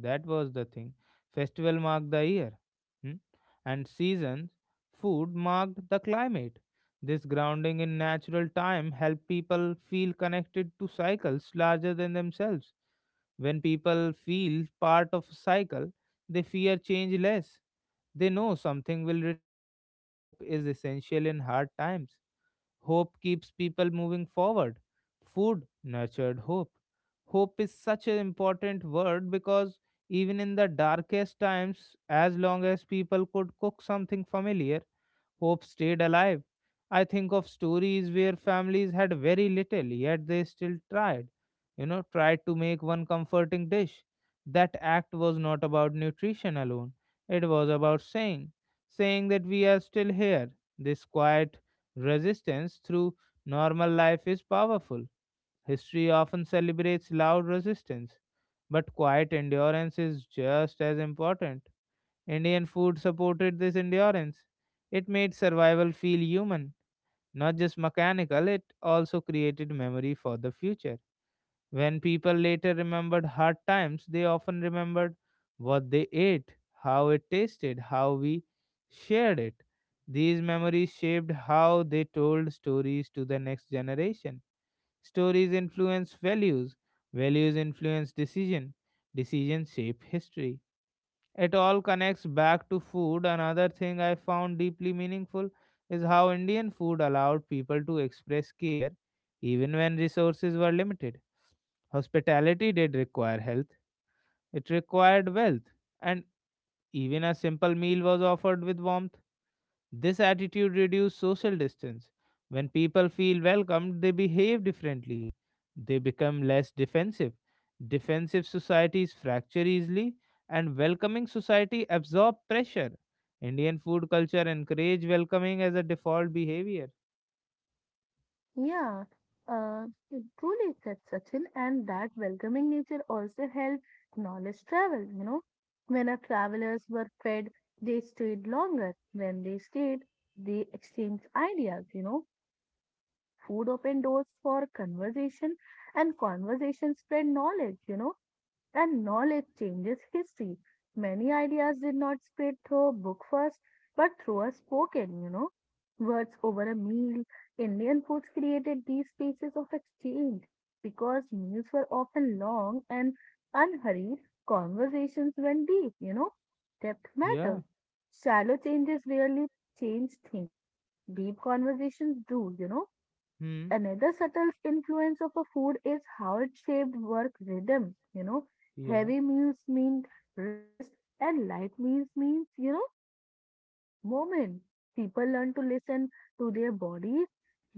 A: That was the thing. Festival marked the year. Hmm? And seasons, food marked the climate. This grounding in natural time helped people feel connected to cycles larger than themselves. When people feel part of a cycle, they fear change less. They know something will return. This hope is essential in hard times. Hope keeps people moving forward. Food nurtured hope. Hope is such an important word because even in the darkest times, as long as people could cook something familiar, hope stayed alive. I think of stories where families had very little, yet they still tried, you know, tried to make one comforting dish. That act was not about nutrition alone, it was about saying that we are still here. This quiet resistance through normal life is powerful. History often celebrates loud resistance, but quiet endurance is just as important. Indian food supported this endurance. It made survival feel human, not just mechanical, it also created memory for the future. When people later remembered hard times, they often remembered what they ate, how it tasted, how we shared it. These memories shaped how they told stories to the next generation. Stories influence values, values influence decision, decisions shape history, it all connects back to food. Another thing I found deeply meaningful is how Indian food allowed people to express care even when resources were limited. Hospitality did require health, it required wealth, and even a simple meal was offered with warmth. This attitude reduces social distance. When people feel welcomed, they behave differently. They become less defensive. Defensive societies fracture easily, and welcoming society absorb pressure. Indian food culture encourage welcoming as a default behavior.
B: Yeah, uh, it truly said, Sachin, and that welcoming nature also helped knowledge travel. When our travelers were fed, they stayed longer. When they stayed, they exchanged ideas. Food opened doors for conversation, and conversation spread knowledge. And knowledge changes history. Many ideas did not spread through a book first, but through a spoken, words over a meal. Indian foods created these spaces of exchange, and because meals were often long and unhurried, conversations went deep. Depth
A: Yeah.
B: matters. Shallow changes rarely change thinking, deep conversations do.
A: Hmm.
B: Another subtle influence of a food is how it shaped work rhythm. You know,
A: Yeah.
B: heavy meals mean rest, and light meals means moment. People learn to listen to their bodies.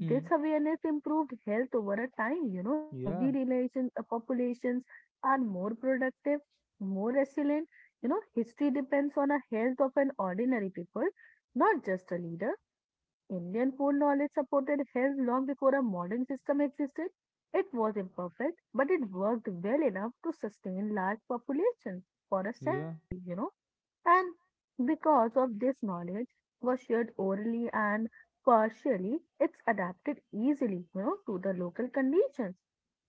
A: Hmm.
B: awareness improved health over a time. Healthy
A: Yeah.
B: relation populations are more productive, more resilient. History depends on a health of an ordinary people, not just a leader. Indian food knowledge supported health long before a modern system existed. It was imperfect, but it worked well enough to sustain large populations for a
A: Yeah.
B: century. And because of this knowledge was shared orally and partially, it's adapted easily, to the local conditions.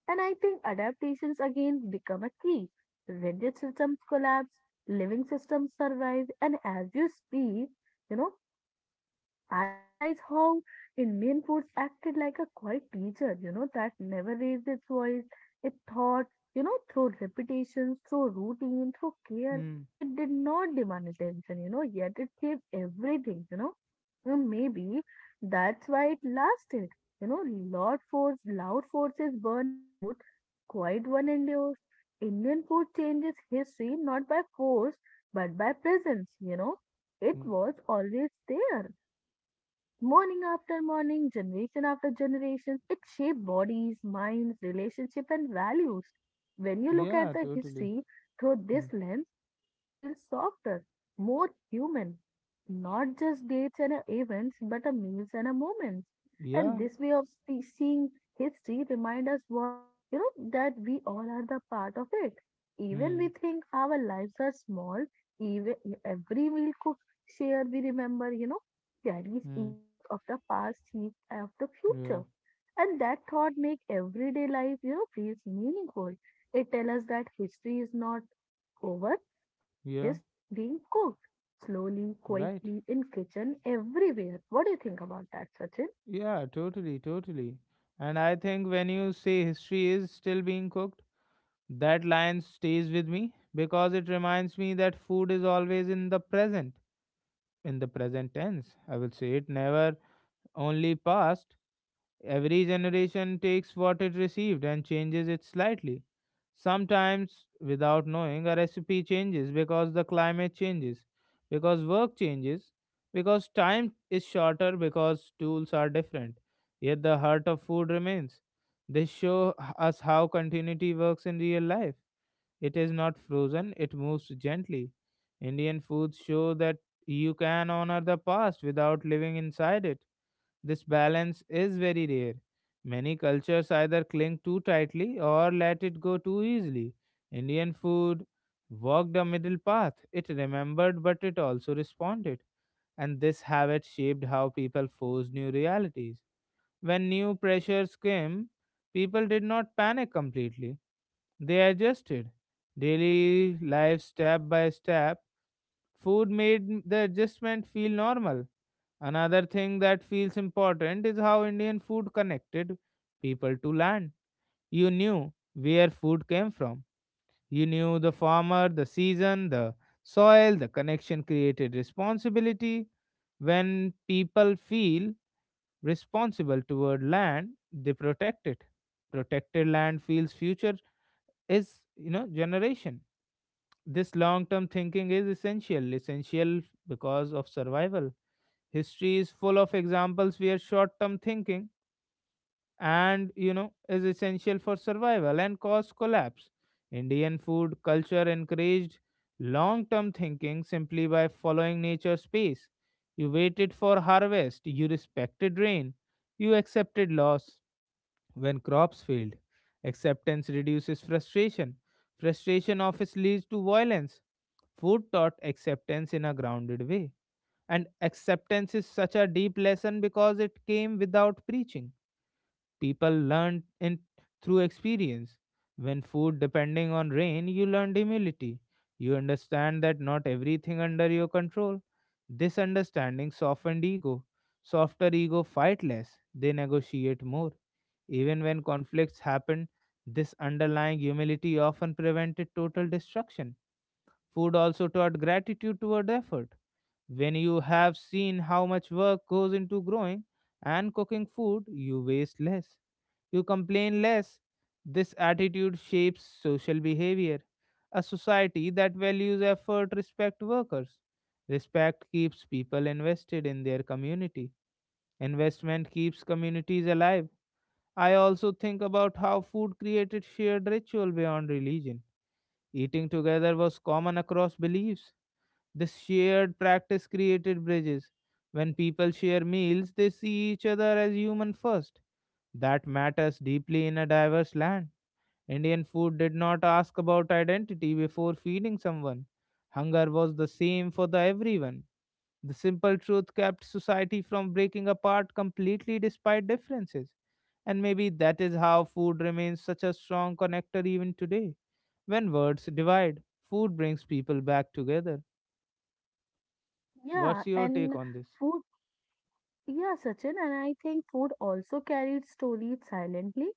B: And I think adaptations again become a key. Rigid systems collapse, living systems survive, and as you speak, you know, I realize how Indian foods acted like a quiet teacher, that never raised its voice. It thought, through repetition, through routine, through care.
A: Hmm.
B: It did not demand attention, yet it gave everything. And maybe that's why it lasted. Loud forces burn out, quiet one endures. Indian food changes history not by force, but by presence. It
A: Yeah.
B: was always there. Morning after morning, generation after generation, it shaped bodies, minds, relationships, and values. When you look at
A: Yeah,
B: the
A: totally.
B: history through
A: Hmm.
B: this lens, it feels softer, more human. Not just dates and events, but a meals and a moments.
A: Yeah.
B: And this way of seeing history remind us what, that we all are the part of it. Even
A: Hmm.
B: we think our lives are small. Even every meal cooked share we remember. Carries
A: Hmm.
B: echoes of the past, seeds of the
A: Yeah.
B: future. And that thought makes everyday life, feels meaningful. It tells us that history is not over, but it
A: Yeah.
B: is being cooked slowly,
A: Right.
B: quietly in kitchen everywhere. What do you think about that, Sachin?
A: Yeah, totally, totally. And I think when you say history is still being cooked, that line stays with me because it reminds me that food is always in the present tense. I will say it never only past. Every generation takes what it received and changes it slightly. Sometimes, without knowing, a recipe changes because the climate changes, because work changes, because time is shorter, because tools are different. Yet the heart of food remains. This shows us how continuity works in real life. It is not frozen, it moves gently. Indian foods show that you can honor the past without living inside it, this balance is very rare. Many cultures either cling too tightly or let it go too easily. Indian food walked a middle path. It remembered, but it also responded. And this habit shaped how people forced new realities. When new pressures came, people did not panic completely. They adjusted. Daily life, step by step, food made the adjustment feel normal. Another thing that feels important is how Indian food connected people to land. You knew where food came from. You knew the farmer, the season, the soil, the connection created responsibility. When people feel responsible toward land, they protect it. Protected land feels future is, generation. This long term thinking is essential, essential because of survival. History is full of examples where short term thinking and is essential for survival and cause collapse. Indian food culture encouraged long term thinking simply by following nature's pace. You waited for harvest, you respected rain, you accepted loss when crops failed. Acceptance reduces frustration. Frustration often leads to violence. Food taught acceptance in a grounded way, and acceptance is such a deep lesson because it came without preaching. People learned in through experience. When food depending on rain, you learned humility. You understand that not everything under your control. This understanding softened ego. Softer ego fight less, they negotiate more. Even when conflicts happen, this underlying humility often prevented total destruction. Food also taught gratitude toward effort, when you have seen how much work goes into growing and cooking food, you waste less. You complain less. This attitude shapes social behavior. A society that values effort respects workers. Respect keeps people invested in their community. Investment keeps communities alive. I also think about how food created shared ritual beyond religion. Eating together was common across beliefs. The shared practice created bridges. When people share meals, they see each other as human first. That matters deeply in a diverse land. Indian food did not ask about identity before feeding someone. Hunger was the same for the everyone. The simple truth kept society from breaking apart completely despite differences. And maybe that is how food remains such a strong connector even today. When words divide, food brings people back together.
B: Yeah,
A: What's your
B: and
A: take on this?
B: food Yeah, Sachin, and I think food also carried stories silently.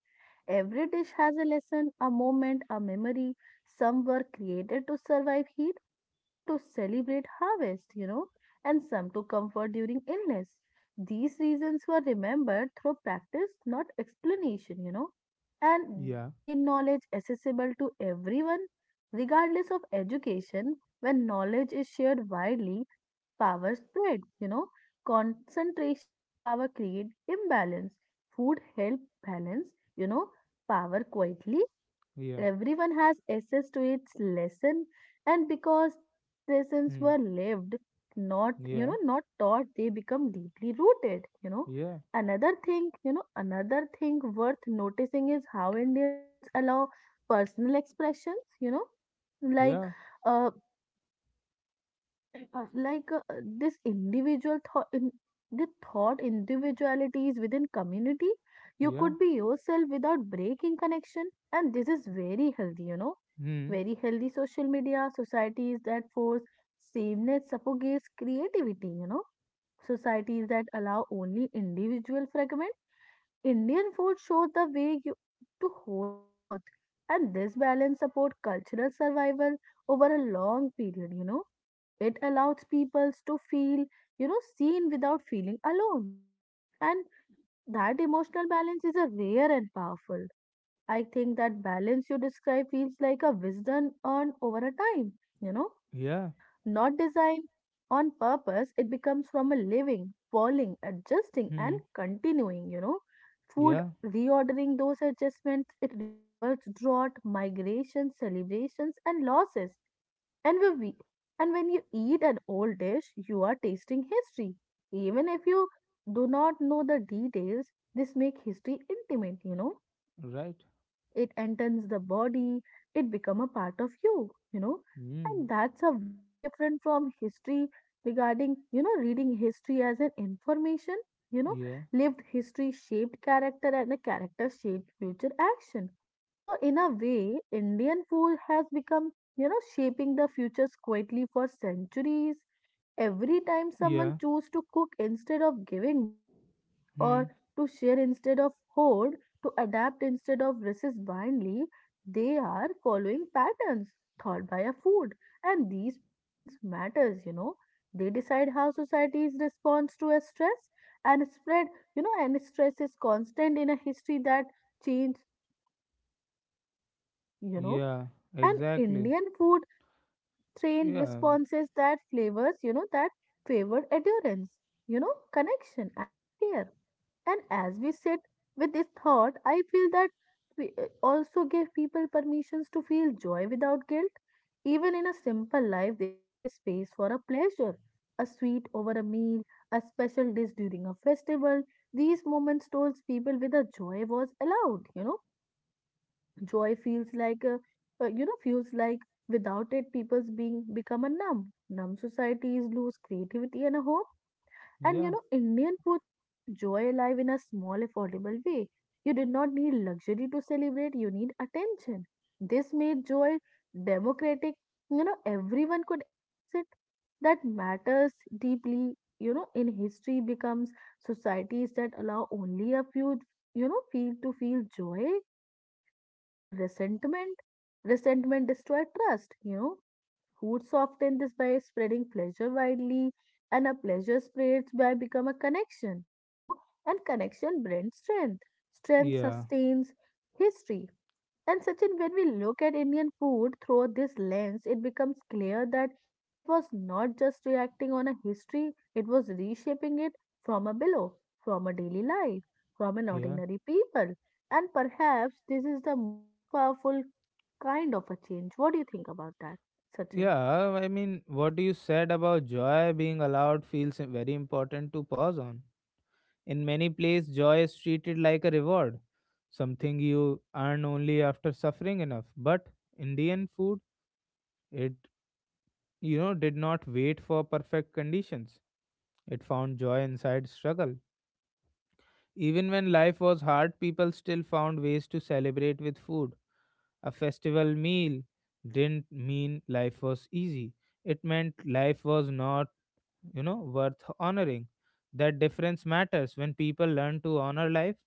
B: Every dish has a lesson, a moment, a memory. Some were created to survive heat, some to celebrate harvest, and some to comfort during illness. These reasons were remembered through practice, not explanation. And
A: Yeah,
B: this made knowledge accessible to everyone, regardless of education. When knowledge is shared widely, power spread. Concentrations power create imbalance. Food help balance you know Power quietly,
A: yeah,
B: everyone has access to its lesson. And because these lessons
A: hmm,
B: were lived, not you
A: yeah,
B: know not taught, they become deeply rooted.
A: yeah,
B: Another thing worth noticing is how Indian foods allow personal expressions. like
A: yeah,
B: uh, like, this individual thought in the thought individualities within community. You
A: yeah,
B: could be yourself without breaking connection, and this is very healthy you know
A: hmm,
B: very healthy Social media societies that force sameness suffocates creativity. Societies that allow only individual fragment. Indian food shows the way you, to hold both, and this balance support cultural survival over a long period. It allows people to feel, seen without feeling alone. And that emotional balance is a rare and powerful. I think that balance you describe feels like a wisdom earned over a time, you know,
A: yeah,
B: not designed on purpose. It becomes from a living, falling, adjusting, and
A: hmm,
B: continuing. Food
A: yeah,
B: reordering those adjustments, it remembers drought, migration, celebrations, and losses, and we, we- and when you eat an old dish, you are tasting history. Even if you do not know the details, this make history intimate.
A: right,
B: It enters the body, it become a part of you, you know. And
A: hmm,
B: that's a very different from history regarding, reading history as an information, you know,
A: yeah,
B: Lived history shaped character and a character shaped future action. So in a way, Indian food has become, shaping the futures quietly for centuries. Every time someone
A: yeah,
B: choose to cook instead of giving one,
A: hmm,
B: or to share instead of hoard, to adapt instead of resist blindly, they are following patterns taught by a food. And these patterns matters. They decide how societies responds to a stress and spread, and stress is constant in a history that change, you know.
A: yeah,
B: And
A: exactly,
B: Indian food trained
A: yeah,
B: responses that flavors, that favor adherence, connection and a care. And as we sit with this thought, I feel that we also give people permissions to feel joy without guilt. Even in a simple life, there was a space for a pleasure, a sweet over a meal, a special dish during a festival. These moments told people with a joy was allowed. Joy feels like a. Feels like without it people's being become a numb. Societies lose creativity and a hope. And you
A: yeah,
B: know indian foods keep joy alive in a small affordable way. You did not need luxury to celebrate, you need attention. This made joy democratic. Everyone could access it. That matters deeply. In history becomes societies that allow only a few you know feel to feel joy create resentment. Resentment destroys trust. Foods soften this by spreading pleasure widely, and a pleasure spreads by become a connection, and connection brings strength. Strength
A: yeah,
B: sustains history. And Sachin, when we look at Indian food through this lens, it becomes clear that it was not just reacting on a history, it was reshaping it from a below, from a daily life, from an
A: yeah,
B: ordinary people. And perhaps this is the most powerful kind of a change. What do you think about that, Sachin?
A: yeah. I mean, what you said about joy being allowed feels very important to pause on. In many places, joy is treated like a reward, something you earn only after suffering enough. But Indian food, it did not wait for perfect conditions. It found joy inside struggle. Even when life was hard, people still found ways to celebrate with food. A festival meal didn't mean life was easy. It meant life was not, worth honoring. That difference matters. When people learn to honor life,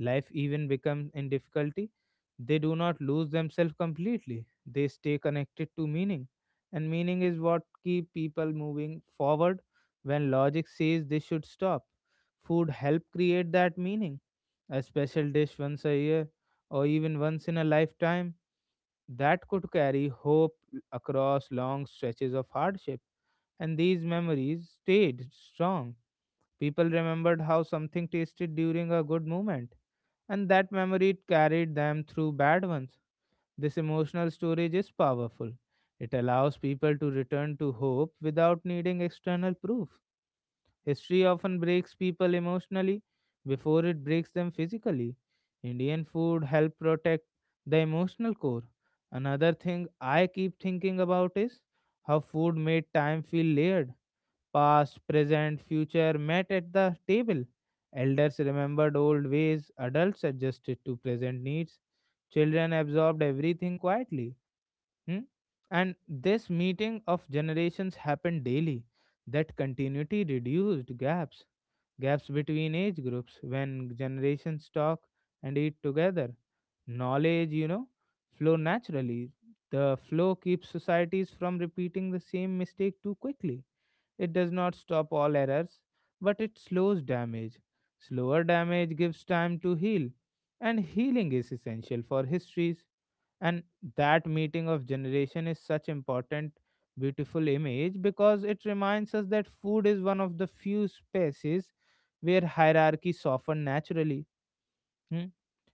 A: life even becomes in difficulty, they do not lose themselves completely, they stay connected to meaning, and meaning is what keep people moving forward when logic says they should stop. Food help create that meaning. A special dish once a year, or even once in a lifetime, that could carry hope across long stretches of hardship, and these memories stayed strong. People remembered how something tasted during a good moment, and that memory carried them through bad ones. This emotional storage is powerful. It allows people to return to hope without needing external proof. History often breaks people emotionally before it breaks them physically. Indian food helped protect the emotional core. Another thing I keep thinking about is how food made time feel layered. Past, present, future met at the table. Elders remembered old ways, adults adjusted to present needs, children absorbed everything quietly. Hmm? And this meeting of generations happened daily. That continuity reduced gaps, gaps between age groups. When generations talk and eat together, knowledge, flow naturally. The flow keeps societies from repeating the same mistake too quickly. It does not stop all errors, but it slows damage. Slower damage gives time to heal, and healing is essential for histories. And that meeting of generation is such important, beautiful image because it reminds us that food is one of the few spaces where hierarchy soften naturally. Hmm?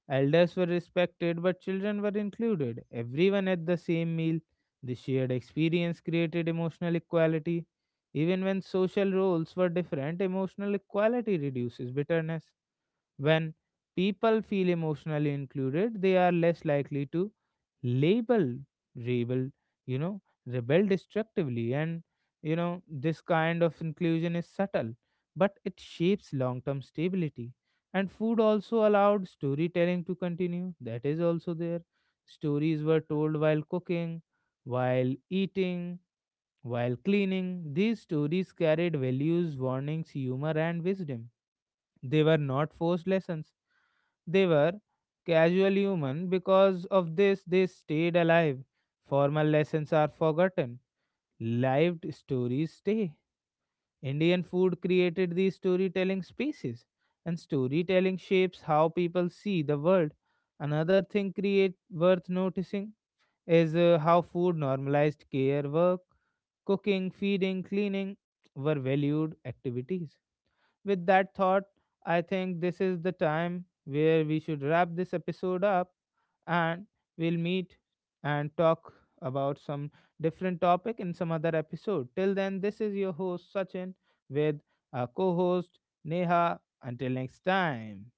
A: Elders were respected, but children were included. Everyone at the same meal. The shared experience created emotional equality. Even when social roles were different, emotional equality reduces bitterness. When people feel emotionally included, they are less likely to label, rebel, you know, rebel destructively. And, this kind of inclusion is subtle, but it shapes long term stability. And food also allowed storytelling to continue. That is also there. Stories were told while cooking, while eating, while cleaning, these stories carried values, warnings, humor, and wisdom. They were not forced lessons. They were casual human. Because of this, they stayed alive. Formal lessons are forgotten. Lived stories stay. Indian food created these storytelling spaces, and storytelling shapes how people see the world. Another thing create worth noticing is how food normalized care work. Cooking, feeding, cleaning were valued activities. With that thought, I think this is the time where we should wrap this episode up, and we'll meet and talk about some different topic in some other episode. Till then, this is your host Sachin with our co host Neha. Until next time.